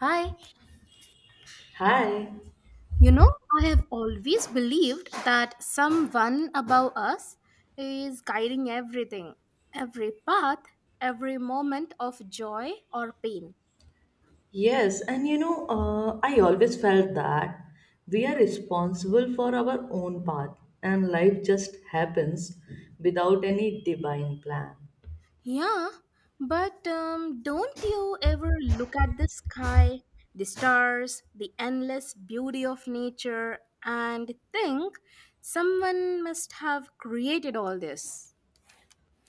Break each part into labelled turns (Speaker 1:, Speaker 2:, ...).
Speaker 1: Hi,
Speaker 2: Hi.
Speaker 1: you know, I have always believed that someone above us is guiding everything, every path, every moment of joy or pain.
Speaker 2: Yes, and I always felt that we are responsible for our own path and life just happens without any divine plan.
Speaker 1: Yeah, but don't you ever look at the sky, the stars, the endless beauty of nature, and think someone must have created all this?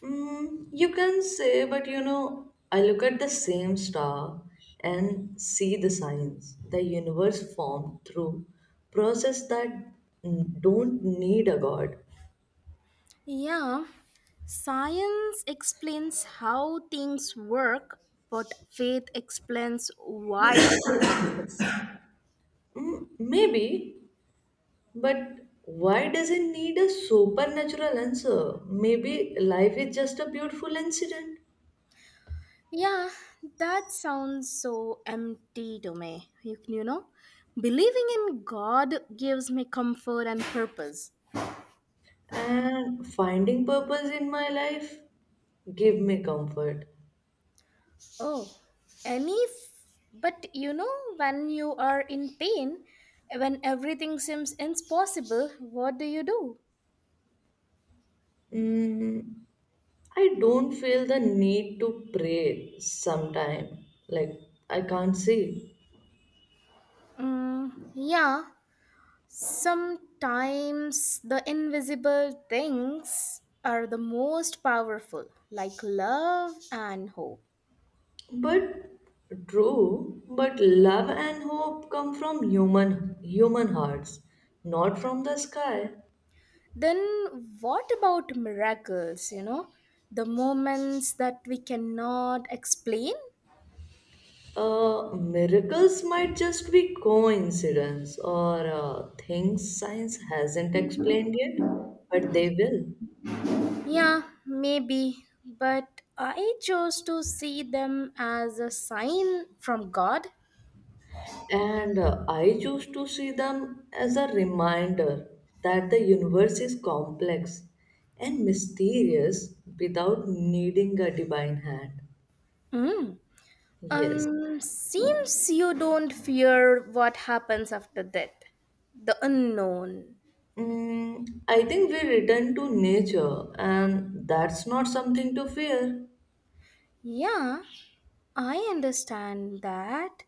Speaker 2: You can say, but I look at the same star and see the signs the universe formed through process that don't need a god.
Speaker 1: Yeah, science explains how things work, but faith explains why they exist.
Speaker 2: Maybe, but why does it need a supernatural answer? Maybe life is just a beautiful incident,
Speaker 1: Yeah, that sounds so empty to me. You know, believing in God gives me comfort and purpose.
Speaker 2: and finding purpose in my life give me comfort.
Speaker 1: Oh, any. But you know, when you are in pain, when everything seems impossible, what do you do?
Speaker 2: Mm, I don't feel the need to pray sometime. Like I can't say.
Speaker 1: Mm, yeah, sometimes the invisible things are the most powerful, like love and hope.
Speaker 2: But true, but love and hope come from human hearts, not from the sky.
Speaker 1: Then, what about miracles? You know, the moments that we cannot explain?
Speaker 2: Miracles might just be coincidence or things science hasn't explained yet, but they will.
Speaker 1: Yeah, maybe, but I chose to see them as a sign from God.
Speaker 2: And I choose to see them as a reminder that the universe is complex and mysterious without needing a divine hand.
Speaker 1: Mm.
Speaker 2: Yes.
Speaker 1: Seems you don't fear what happens after death, the unknown.
Speaker 2: I think we return to nature, and that's not something to fear.
Speaker 1: Yeah, I understand that.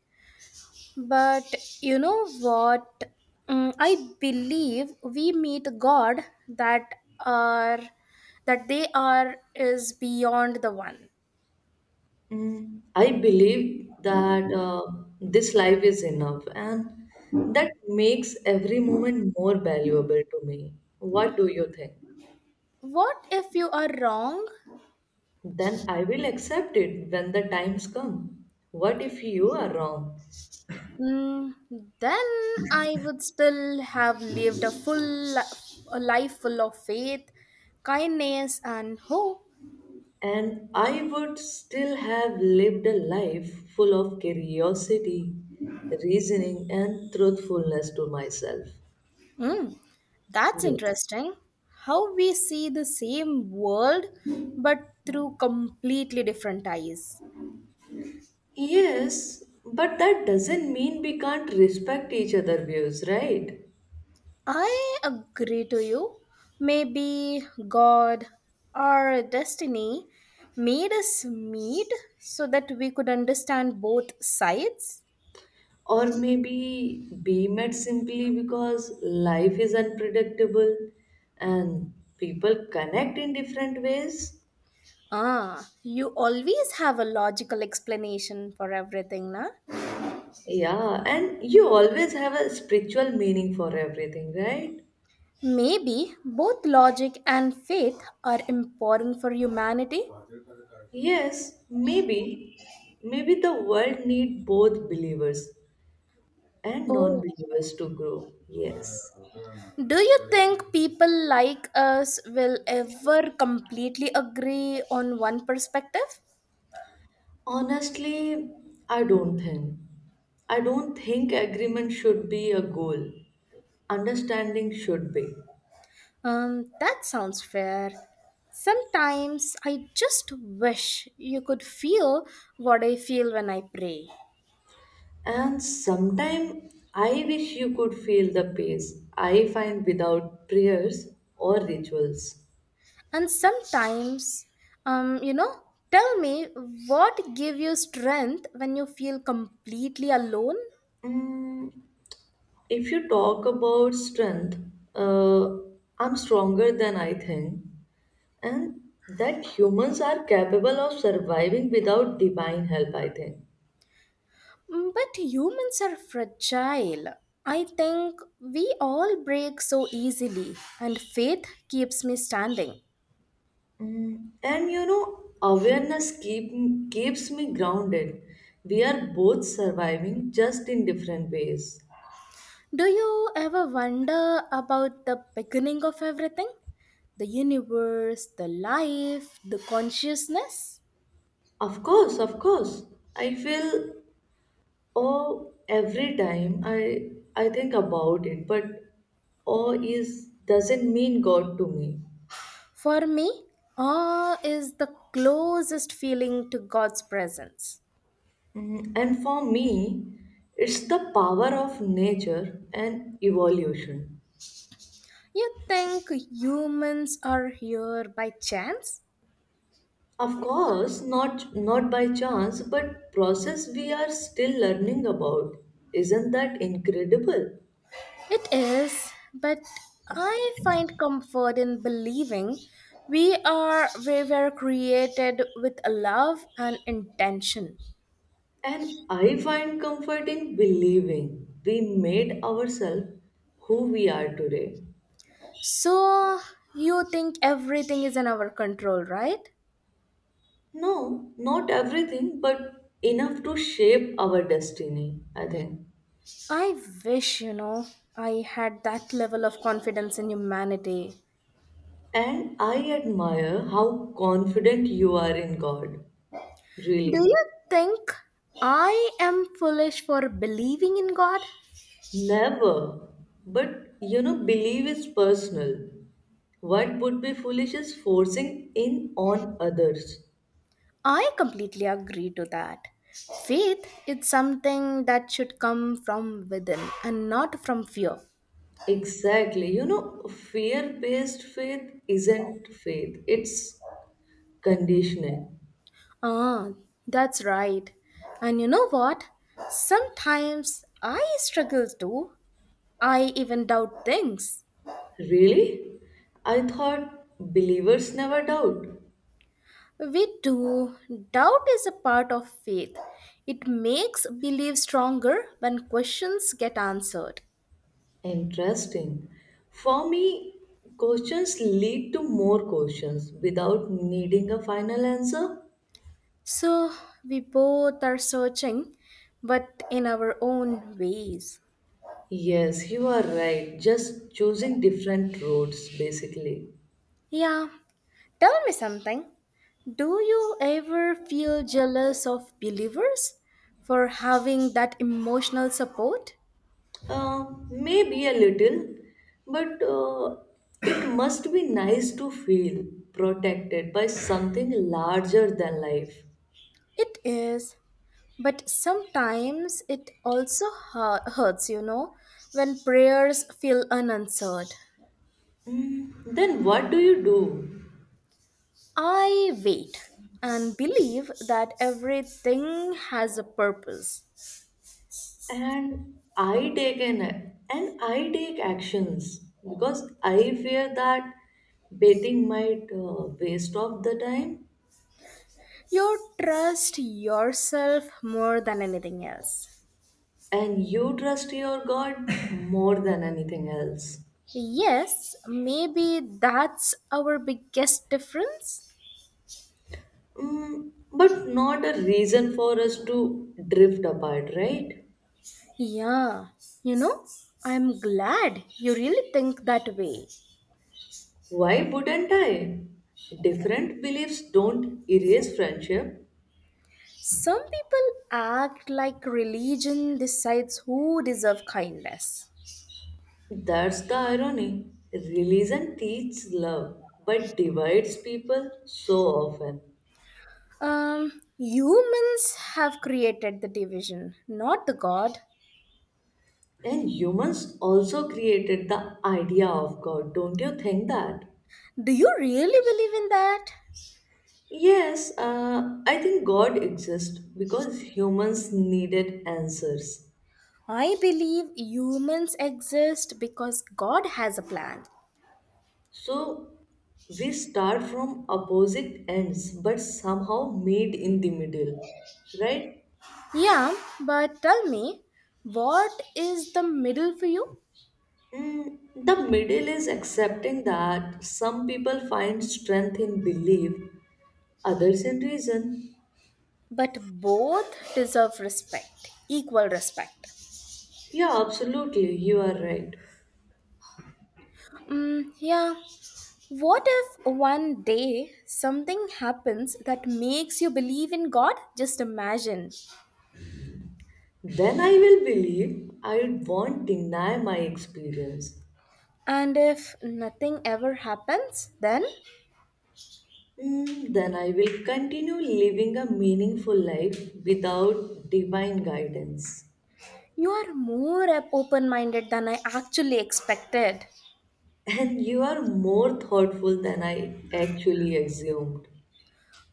Speaker 1: But you know what? Mm, I believe we meet God that are that they are is beyond the one.
Speaker 2: I believe that this life is enough, and that makes every moment more valuable to me. What do you think?
Speaker 1: What if you are wrong?
Speaker 2: Then I will accept it when the times come. What if you are wrong?
Speaker 1: Mm, then I would still have lived a a life full of faith, kindness, and hope.
Speaker 2: And I would still have lived a life full of curiosity, reasoning, and truthfulness to myself.
Speaker 1: Hmm, that's
Speaker 2: Yes.
Speaker 1: interesting. How we see the same world but through completely different eyes.
Speaker 2: Yes, but that doesn't mean we can't respect each other views, right?
Speaker 1: I agree to you. Maybe God or destiny made us meet so that we could understand both sides.
Speaker 2: Or maybe be met simply because life is unpredictable and people connect in different ways.
Speaker 1: Ah, you always have a logical explanation for everything, na?
Speaker 2: Yeah, and you always have a spiritual meaning for everything, right?
Speaker 1: Maybe both logic and faith are important for humanity.
Speaker 2: Yes, maybe. Maybe the world need both believers and
Speaker 1: Oh.
Speaker 2: non-believers to grow. Yes.
Speaker 1: Do you think people like us will ever completely agree on one perspective?
Speaker 2: Honestly, I don't think. I don't think agreement should be a goal. Understanding should be.
Speaker 1: That sounds fair. Sometimes I just wish you could feel what I feel when I pray.
Speaker 2: And sometimes I wish you could feel the pace I find without prayers or rituals.
Speaker 1: And sometimes, um, you know, tell me what give you strength when you feel completely alone?
Speaker 2: Mm, if you talk about strength, uh, I'm stronger than I think, and that humans are capable of surviving without divine help, I think.
Speaker 1: Mm, but humans are fragile. I think we all break so easily, and faith keeps me standing.
Speaker 2: And awareness keeps me grounded. We are both surviving just in different ways.
Speaker 1: Do you ever wonder about the beginning of everything? The universe, the life, the consciousness?
Speaker 2: Of course, of course. I feel. Oh, every time I think about it, but awe is doesn't mean God to me.
Speaker 1: For me, awe is the closest feeling to God's presence.
Speaker 2: And for me, it's the power of nature and evolution.
Speaker 1: You think humans are here by chance?
Speaker 2: Of course, not by chance, but process we are still learning about. Isn't that incredible?
Speaker 1: It is, but I find comfort in believing we were created with love and intention.
Speaker 2: And I find comfort in believing we made ourselves who we are today.
Speaker 1: So you think everything is in our control, right?
Speaker 2: No, not everything, but enough to shape our destiny, I think.
Speaker 1: I wish, you know, I had that level of confidence in humanity.
Speaker 2: And I admire how confident you are in God,
Speaker 1: Do
Speaker 2: really.
Speaker 1: you think I am foolish for believing in God?
Speaker 2: Never. But belief is personal. What would be foolish is forcing in on others.
Speaker 1: I completely agree to that. Faith is something that should come from within and not from fear.
Speaker 2: Exactly. Fear based faith isn't faith, it's conditioning.
Speaker 1: Ah, that's right. And you know what? Sometimes I struggle too. I even doubt things.
Speaker 2: Really? I thought believers never doubt.
Speaker 1: We do. Doubt is a part of faith. It makes belief stronger when questions get answered.
Speaker 2: Interesting. For me, questions lead to more questions without needing a final answer.
Speaker 1: So we both are searching, but in our own ways.
Speaker 2: Yes, you are right. Just choosing different roads, basically.
Speaker 1: Yeah, tell me something. Do you ever feel jealous of believers for having that emotional support?
Speaker 2: Uh, Maybe a little, but it must be nice to feel protected by something larger than life.
Speaker 1: It is, but sometimes it also hurts, you know, when prayers feel unanswered.
Speaker 2: Then what do you do?
Speaker 1: I wait and believe that everything has a purpose.
Speaker 2: and i take an and I take actions because I fear that betting might waste off the time.
Speaker 1: You trust yourself more than anything else.
Speaker 2: And you trust your god more than anything else.
Speaker 1: Yes, maybe that's our biggest difference.
Speaker 2: But not a reason for us to drift apart, right?
Speaker 1: Yeah, you know, I'm glad you really think that way.
Speaker 2: Why wouldn't I? Different beliefs don't erase friendship.
Speaker 1: Some people act like religion decides who deserve kindness.
Speaker 2: That's the irony. Religion teaches love but divides people so often.
Speaker 1: Humans have created the division, not the God.
Speaker 2: And humans also created the idea of God, don't you think that?
Speaker 1: Do you really believe in that?
Speaker 2: Yes, I think God exists because humans needed answers.
Speaker 1: I believe humans exist because God has a plan.
Speaker 2: So we start from opposite ends but somehow meet in the middle, right?
Speaker 1: Yeah, but tell me, what is the middle for you?
Speaker 2: The middle is accepting that some people find strength in belief, others in reason.
Speaker 1: But both deserve respect, equal respect.
Speaker 2: Yeah, absolutely, you are right.
Speaker 1: Mm, yeah. What if one day something happens that makes you believe in God? Just imagine.
Speaker 2: Then I will believe. I won't deny my experience.
Speaker 1: And if nothing ever happens, then
Speaker 2: Hmm, then I will continue living a meaningful life without divine guidance.
Speaker 1: you are more open minded than I actually expected.
Speaker 2: And you are more thoughtful than I actually assumed.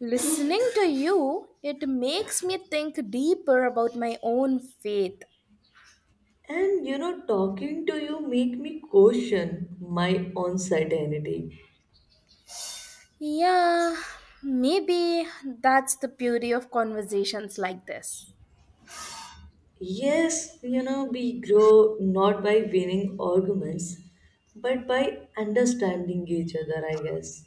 Speaker 1: Listening to you, it makes me think deeper about my own faith.
Speaker 2: And talking to you make me question my own certainty.
Speaker 1: Yeah, maybe that's the beauty of conversations like this.
Speaker 2: Yes, we grow not by winning arguments, but by understanding each other, I guess.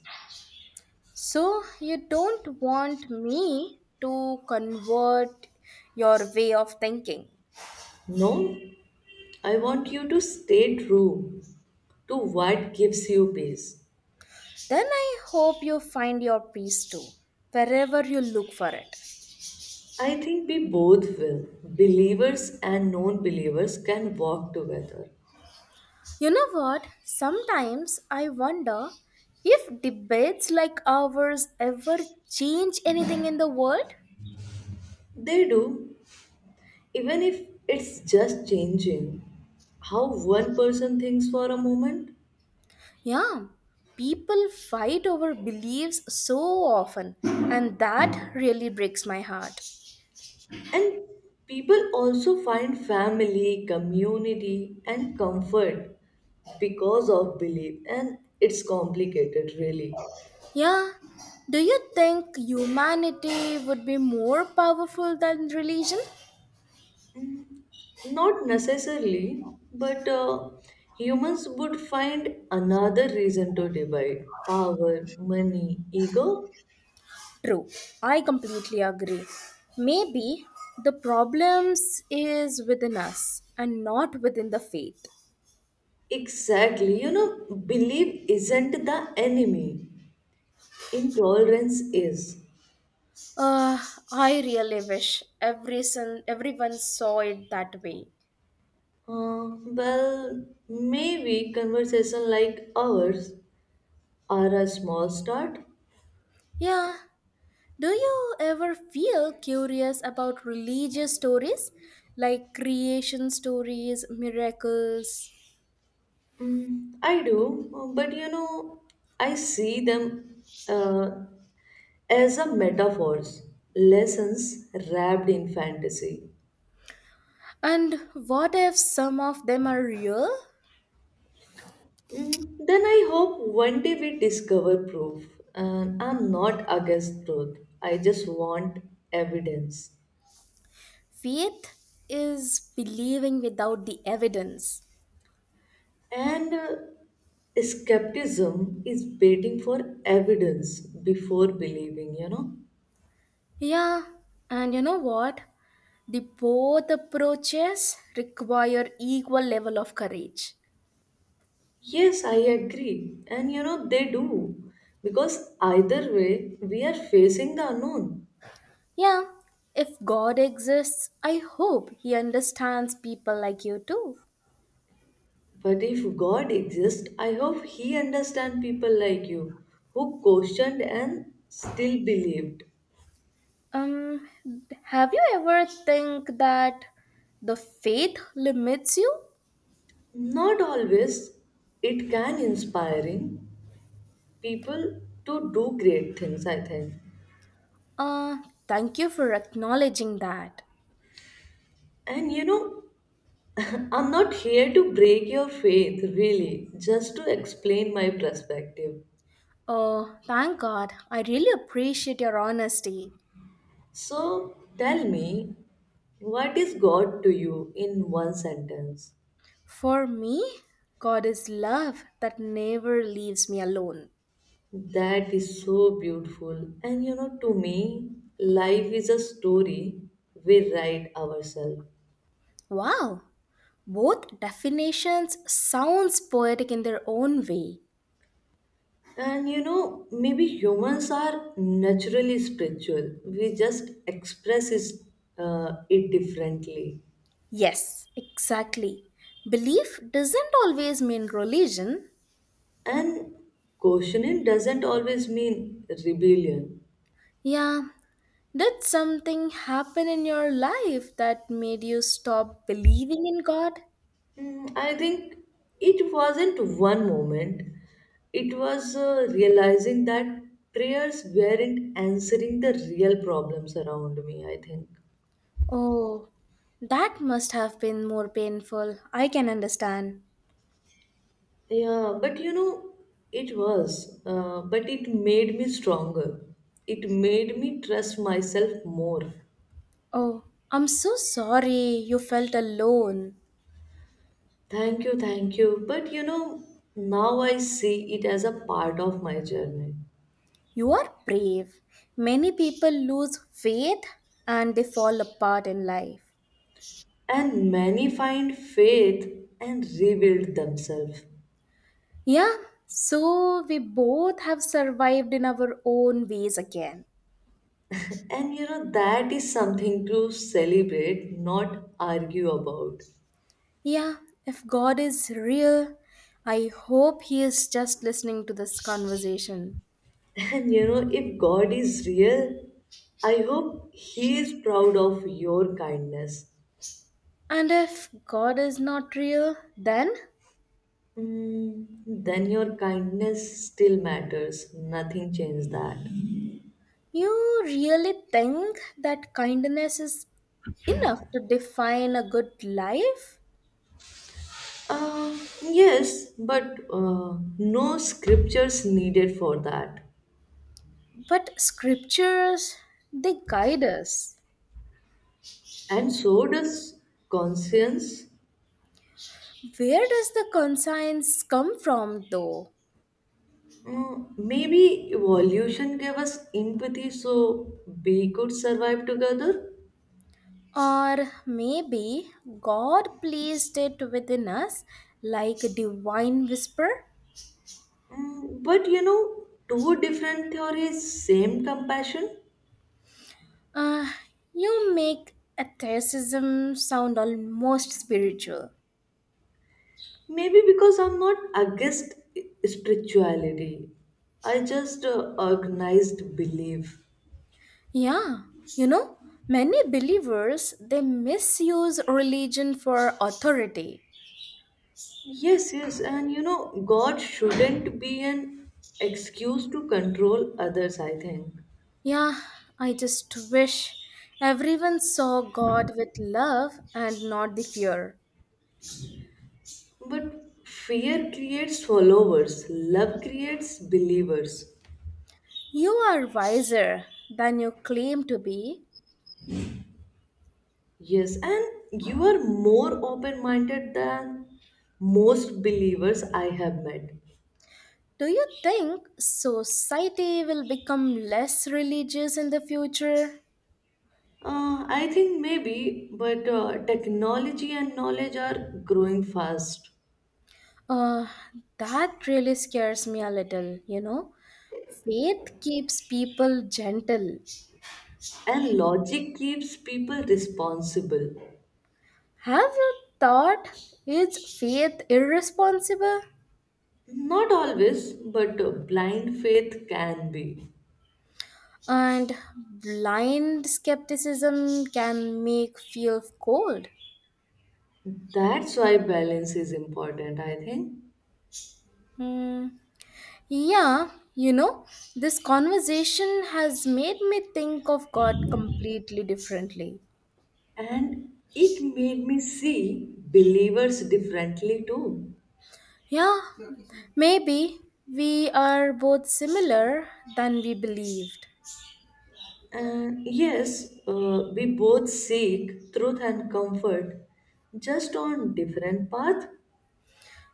Speaker 1: So, you don't want me to convert your way of thinking.
Speaker 2: No? I want you to stay true to what gives you peace.
Speaker 1: Then I hope you find your peace too, wherever you look for it.
Speaker 2: I think we both will. Believers and non believers can walk together.
Speaker 1: You know what? Sometimes I wonder if debates like ours ever change anything in the world.
Speaker 2: They do, even if it's just changing how one person thinks for a moment.
Speaker 1: Yeah, people fight over beliefs so often, and that really breaks my heart.
Speaker 2: And people also find family, community, and comfort because of belief, and it's complicated, really.
Speaker 1: Yeah, do you think humanity would be more powerful than religion?
Speaker 2: Not necessarily, but humans would find another reason to divide power, money, ego.
Speaker 1: True, I completely agree. Maybe the problems is within us and not within the faith.
Speaker 2: Exactly, belief isn't the enemy, intolerance is.
Speaker 1: Uh, I really wish every son, everyone saw it that way.
Speaker 2: Well, maybe conversation like ours are a small start.
Speaker 1: Yeah, do you ever feel curious about religious stories like creation stories, miracles?
Speaker 2: I do, but I see them uh, as a metaphors, lessons wrapped in fantasy.
Speaker 1: And what if some of them are real?
Speaker 2: Then I hope one day we discover proof. And I'm not against truth. I just want evidence.
Speaker 1: Faith is believing without the evidence.
Speaker 2: And skepticism is waiting for evidence before believing, you know?
Speaker 1: Yeah, and you know what? The both approaches require equal level of courage.
Speaker 2: Yes, I agree. And they do. Because either way, we are facing the unknown.
Speaker 1: Yeah, if God exists, I hope He understands people like you too.
Speaker 2: But if God exists, I hope He understands people like you who questioned and still believed.
Speaker 1: Um, have you ever think that the faith limits you?
Speaker 2: Not always, it can inspiring people to do great things, I think.
Speaker 1: Uh, Thank you for acknowledging that.
Speaker 2: And I'm not here to break your faith, really, just to explain my perspective.
Speaker 1: Oh, thank God. I really appreciate your honesty.
Speaker 2: So tell me, what is God to you in one sentence?
Speaker 1: For me, God is love that never leaves me alone.
Speaker 2: That is so beautiful. And to me, life is a story we write ourselves.
Speaker 1: Wow, both definitions sounds poetic in their own way.
Speaker 2: And maybe humans are naturally spiritual. We just express it differently.
Speaker 1: Yes, exactly. Belief doesn't always mean religion.
Speaker 2: And questioning doesn't always mean rebellion.
Speaker 1: Yeah, did something happen in your life that made you stop believing in God?
Speaker 2: I think it wasn't one moment. It was realizing that prayers weren't answering the real problems around me, I think.
Speaker 1: Oh, that must have been more painful. I can understand.
Speaker 2: Yeah, but it was. But it made me stronger. It made me trust myself more.
Speaker 1: Oh, I'm so sorry you felt alone.
Speaker 2: Thank you, thank you. But now I see it as a part of my journey.
Speaker 1: You are brave. Many people lose faith and they fall apart in life.
Speaker 2: And many find faith and rebuild themselves.
Speaker 1: Yeah, so we both have survived in our own ways again.
Speaker 2: And that is something to celebrate, not argue about.
Speaker 1: Yeah, if God is real, I hope He is just listening to this conversation.
Speaker 2: And if God is real, I hope He is proud of your kindness.
Speaker 1: And if God is not real, then
Speaker 2: Then your kindness still matters. Nothing changed that.
Speaker 1: you really think that kindness is enough to define a good life?
Speaker 2: Yes, but no scriptures needed for that.
Speaker 1: But scriptures, they guide us.
Speaker 2: And so does conscience.
Speaker 1: Where does the conscience come from, though?
Speaker 2: Maybe evolution gave us empathy so we could survive together.
Speaker 1: Or maybe God placed it within us like a divine whisper?
Speaker 2: But two different theories, same compassion.
Speaker 1: Ah, you make atheism sound almost spiritual.
Speaker 2: Maybe because I'm not against spirituality, I just organized belief.
Speaker 1: Yeah, you know, many believers they misuse religion for authority.
Speaker 2: Yes, yes, and God shouldn't be an excuse to control others, I think.
Speaker 1: Yeah, I just wish everyone saw God with love and not the fear.
Speaker 2: But fear creates followers, love creates believers.
Speaker 1: You are wiser than you claim to be.
Speaker 2: Yes, and you are more open minded than most believers I have met.
Speaker 1: Do you think society will become less religious in the future?
Speaker 2: I think maybe, but technology and knowledge are growing fast,
Speaker 1: Uh, that really scares me a little, you know. Faith keeps people gentle.
Speaker 2: and logic keeps people responsible.
Speaker 1: Have you thought is faith irresponsible?
Speaker 2: Not always, but blind faith can be.
Speaker 1: And blind skepticism can make feel cold.
Speaker 2: That's why balance is important, I think.
Speaker 1: Hmm. Yeah, you know, this conversation has made me think of God completely differently.
Speaker 2: And it made me see believers differently too.
Speaker 1: Yeah, maybe we are both similar than we believed.
Speaker 2: And yes, we both seek truth and comfort, just on different path.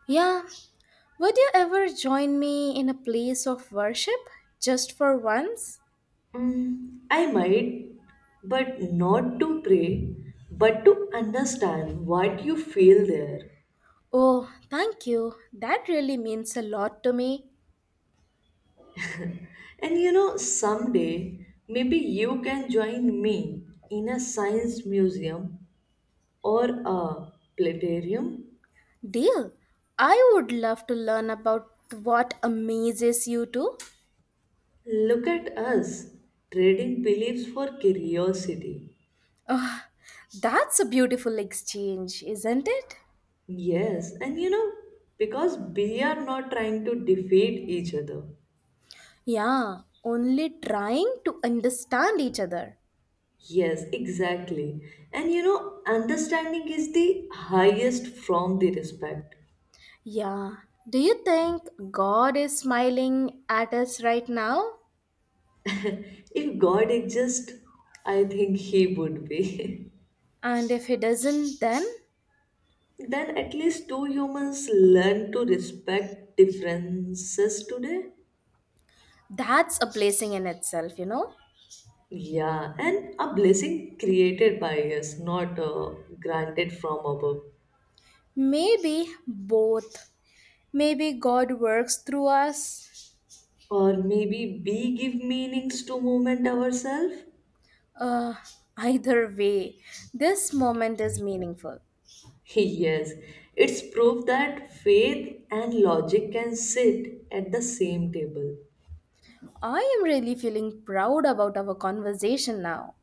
Speaker 1: Yeah, would you ever join me in a place of worship just for once?
Speaker 2: I might, but not to pray, but to understand what you feel there.
Speaker 1: Oh, thank you. That really means a lot to me.
Speaker 2: And someday maybe you can join me in a science museum or a planetarium.
Speaker 1: Deal. I would love to learn about what amazes you too.
Speaker 2: Look at us trading beliefs for curiosity.
Speaker 1: That's a beautiful exchange, isn't it?
Speaker 2: Yes, and because we are not trying to defeat each other.
Speaker 1: Yeah, only trying to understand each other.
Speaker 2: Yes, exactly. And understanding is the highest from the respect.
Speaker 1: Yeah. Do you think God is smiling at us right now?
Speaker 2: If God exists, I think He would be.
Speaker 1: And if He doesn't, then?
Speaker 2: Then at least two humans learn to respect differences today.
Speaker 1: That's a blessing in itself, you know.
Speaker 2: Yeah, and a blessing created by us, not granted from above.
Speaker 1: Maybe both. Maybe God works through us.
Speaker 2: Or maybe we give meanings to movement ourselves?
Speaker 1: Uh, Either way, this moment is meaningful.
Speaker 2: Yes, it's proof that faith and logic can sit at the same table.
Speaker 1: I am really feeling proud about our conversation now.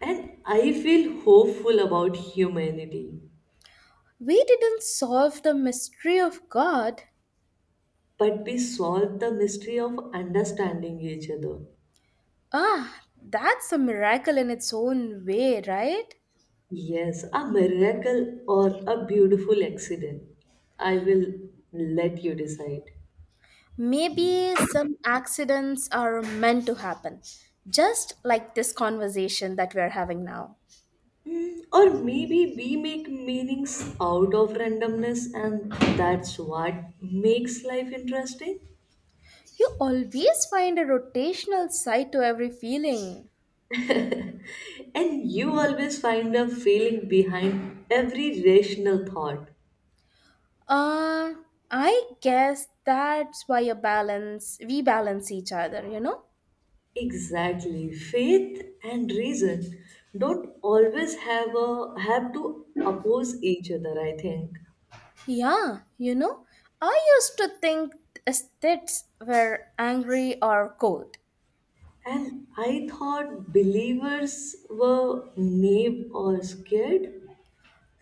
Speaker 2: And I feel hopeful about humanity.
Speaker 1: We didn't solve the mystery of God.
Speaker 2: But we solve the mystery of understanding each other.
Speaker 1: Ah, that's a miracle in its own way, right?
Speaker 2: Yes, a miracle or a beautiful accident. I will let you decide.
Speaker 1: Maybe some accidents are meant to happen, just like this conversation that we're having now.
Speaker 2: Or maybe we make meanings out of randomness, and that's what makes life interesting.
Speaker 1: You always find a rotational side to every feeling.
Speaker 2: And you always find a feeling behind every rational thought.
Speaker 1: Uh, I guess that's why we balance each other, you know?
Speaker 2: Exactly. Faith and reason don't always have to oppose each other, I think.
Speaker 1: Yeah, you know, I used to think aesthets were angry or cold.
Speaker 2: And I thought believers were naive or scared.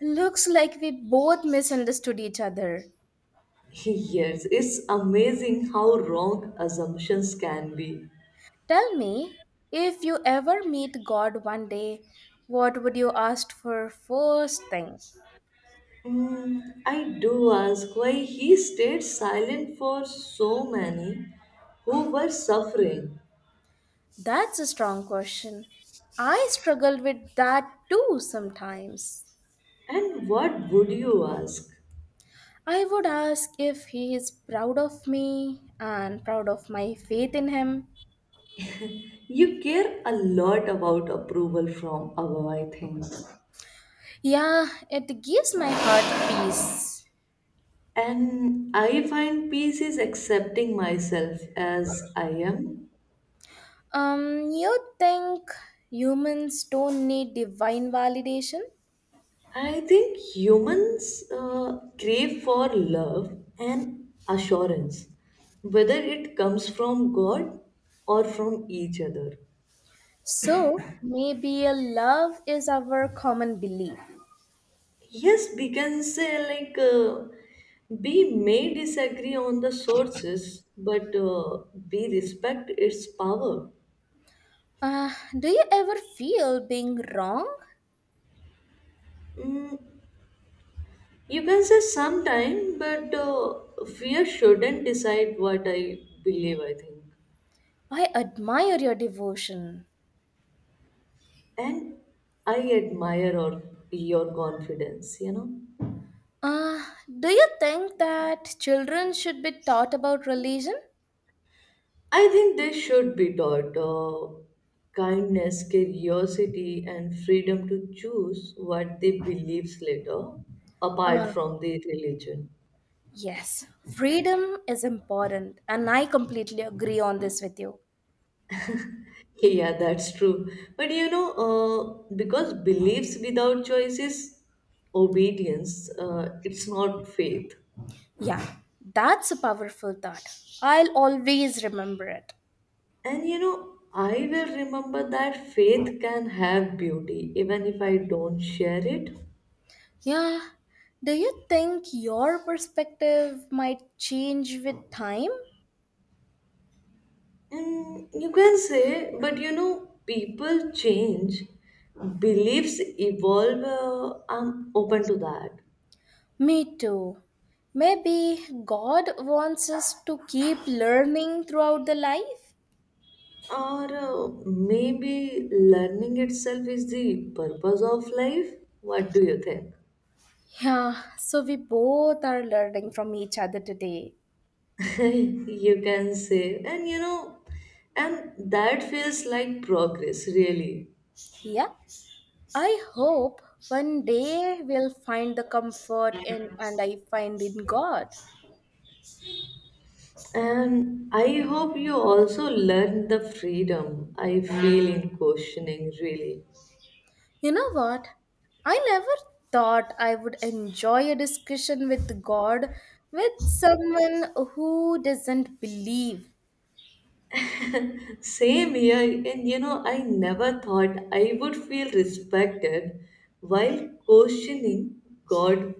Speaker 1: Looks like we both misunderstood each other.
Speaker 2: Yes, it's amazing how wrong assumptions can be.
Speaker 1: Tell me, if you ever meet God one day, what would you ask for first thing?
Speaker 2: Hmm, I do ask why he stayed silent for so many who were suffering.
Speaker 1: That's a strong question. I struggle with that too sometimes.
Speaker 2: And what would you ask?
Speaker 1: I would ask if he is proud of me and proud of my faith in him.
Speaker 2: You care a lot about approval from above, I think.
Speaker 1: Yeah, it gives my heart peace.
Speaker 2: And I find peace is accepting myself as I am.
Speaker 1: You think humans don't need divine validation?
Speaker 2: I think humans crave for love and assurance, whether it comes from God or from each other.
Speaker 1: So maybe a love is our common belief.
Speaker 2: Yes, we can say like we may disagree on the sources, but we respect its power.
Speaker 1: Uh, do you ever feel being wrong?
Speaker 2: Mm, you can say sometime, but fear shouldn't decide what I believe. I think.
Speaker 1: I admire your devotion.
Speaker 2: And I admire or your confidence.
Speaker 1: Uh, do you think that children should be taught about religion?
Speaker 2: I think they should be taught kindness, curiosity, and freedom to choose what they believe later, apart
Speaker 1: Uh,
Speaker 2: from the religion.
Speaker 1: yes, freedom is important, and I completely agree on this with you.
Speaker 2: Yeah, that's true. But because beliefs without choice is obedience, it's not faith.
Speaker 1: Yeah, that's a powerful thought. I'll always remember it.
Speaker 2: And I will remember that faith can have beauty even if I don't share it.
Speaker 1: Yeah, do you think your perspective might change with time?
Speaker 2: You can say, but people change, beliefs evolve. I'm open to that.
Speaker 1: Me too. Maybe God wants us to keep learning throughout the life.
Speaker 2: Or maybe learning itself is the purpose of life. What do you think?
Speaker 1: Yeah, so we both are learning from each other today.
Speaker 2: You can say, and that feels like progress, really.
Speaker 1: Yeah, I hope one day we'll find the comfort in and I find in God.
Speaker 2: And I hope you also learn the freedom I feel in questioning, really.
Speaker 1: You know what? I never thought I would enjoy a discussion with God with someone who doesn't believe.
Speaker 2: Same here, and I never thought I would feel respected while questioning God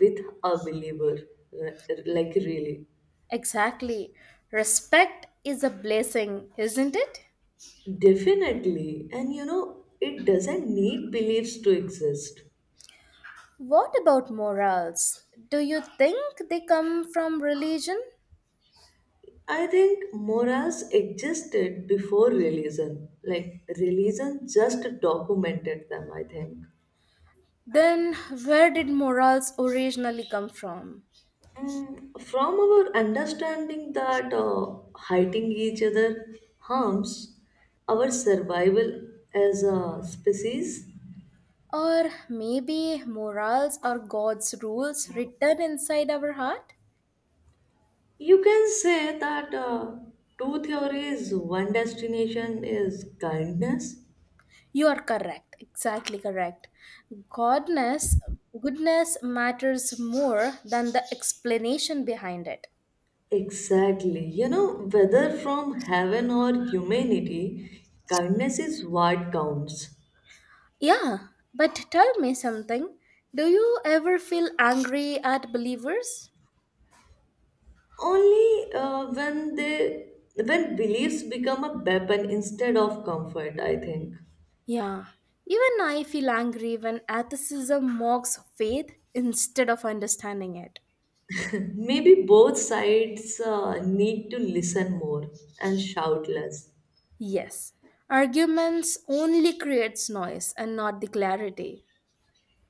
Speaker 2: with a believer, like really.
Speaker 1: Exactly. Respect is a blessing, isn't it?
Speaker 2: Definitely, and it doesn't need beliefs to exist.
Speaker 1: What about morals? Do you think they come from religion?
Speaker 2: I think morals existed before religion, like religion just documented them, I think.
Speaker 1: Then, where did morals originally come from?
Speaker 2: From our understanding that hiding each other harms our survival as a species.
Speaker 1: Or maybe morals are God's rules written inside our heart?
Speaker 2: You can say that two theories, one destination is kindness.
Speaker 1: You are correct, exactly correct. Godness, goodness matters more than the explanation behind it.
Speaker 2: Exactly. Whether from heaven or humanity, kindness is what counts.
Speaker 1: Yeah, but tell me something. Do you ever feel angry at believers?
Speaker 2: Only when they when beliefs become a weapon instead of comfort, I think.
Speaker 1: Yeah, even I feel angry when atheism mocks faith instead of understanding it.
Speaker 2: Maybe both sides need to listen more and shout less.
Speaker 1: Yes, arguments only creates noise and not the clarity.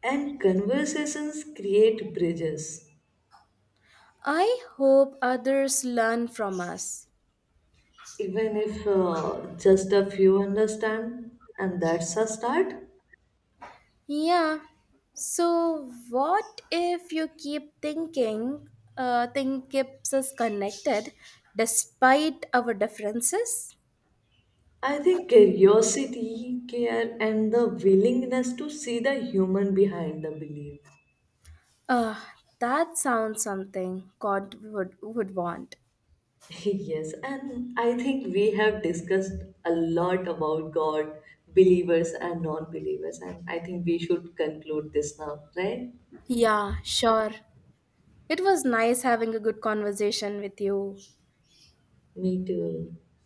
Speaker 2: And conversations create bridges,
Speaker 1: I hope others learn from us.
Speaker 2: even if just a few understand, and that's a start.
Speaker 1: Yeah. So what if you keep thinking thing keeps us connected despite our differences?
Speaker 2: I think curiosity, care, and the willingness to see the human behind the belief.
Speaker 1: Uh that sounds something God would want.
Speaker 2: Yes, and I think we have discussed a lot about God, believers, and non believers, and I think we should conclude this now, right?
Speaker 1: Yeah, sure. It was nice having a good conversation with you.
Speaker 2: Me too.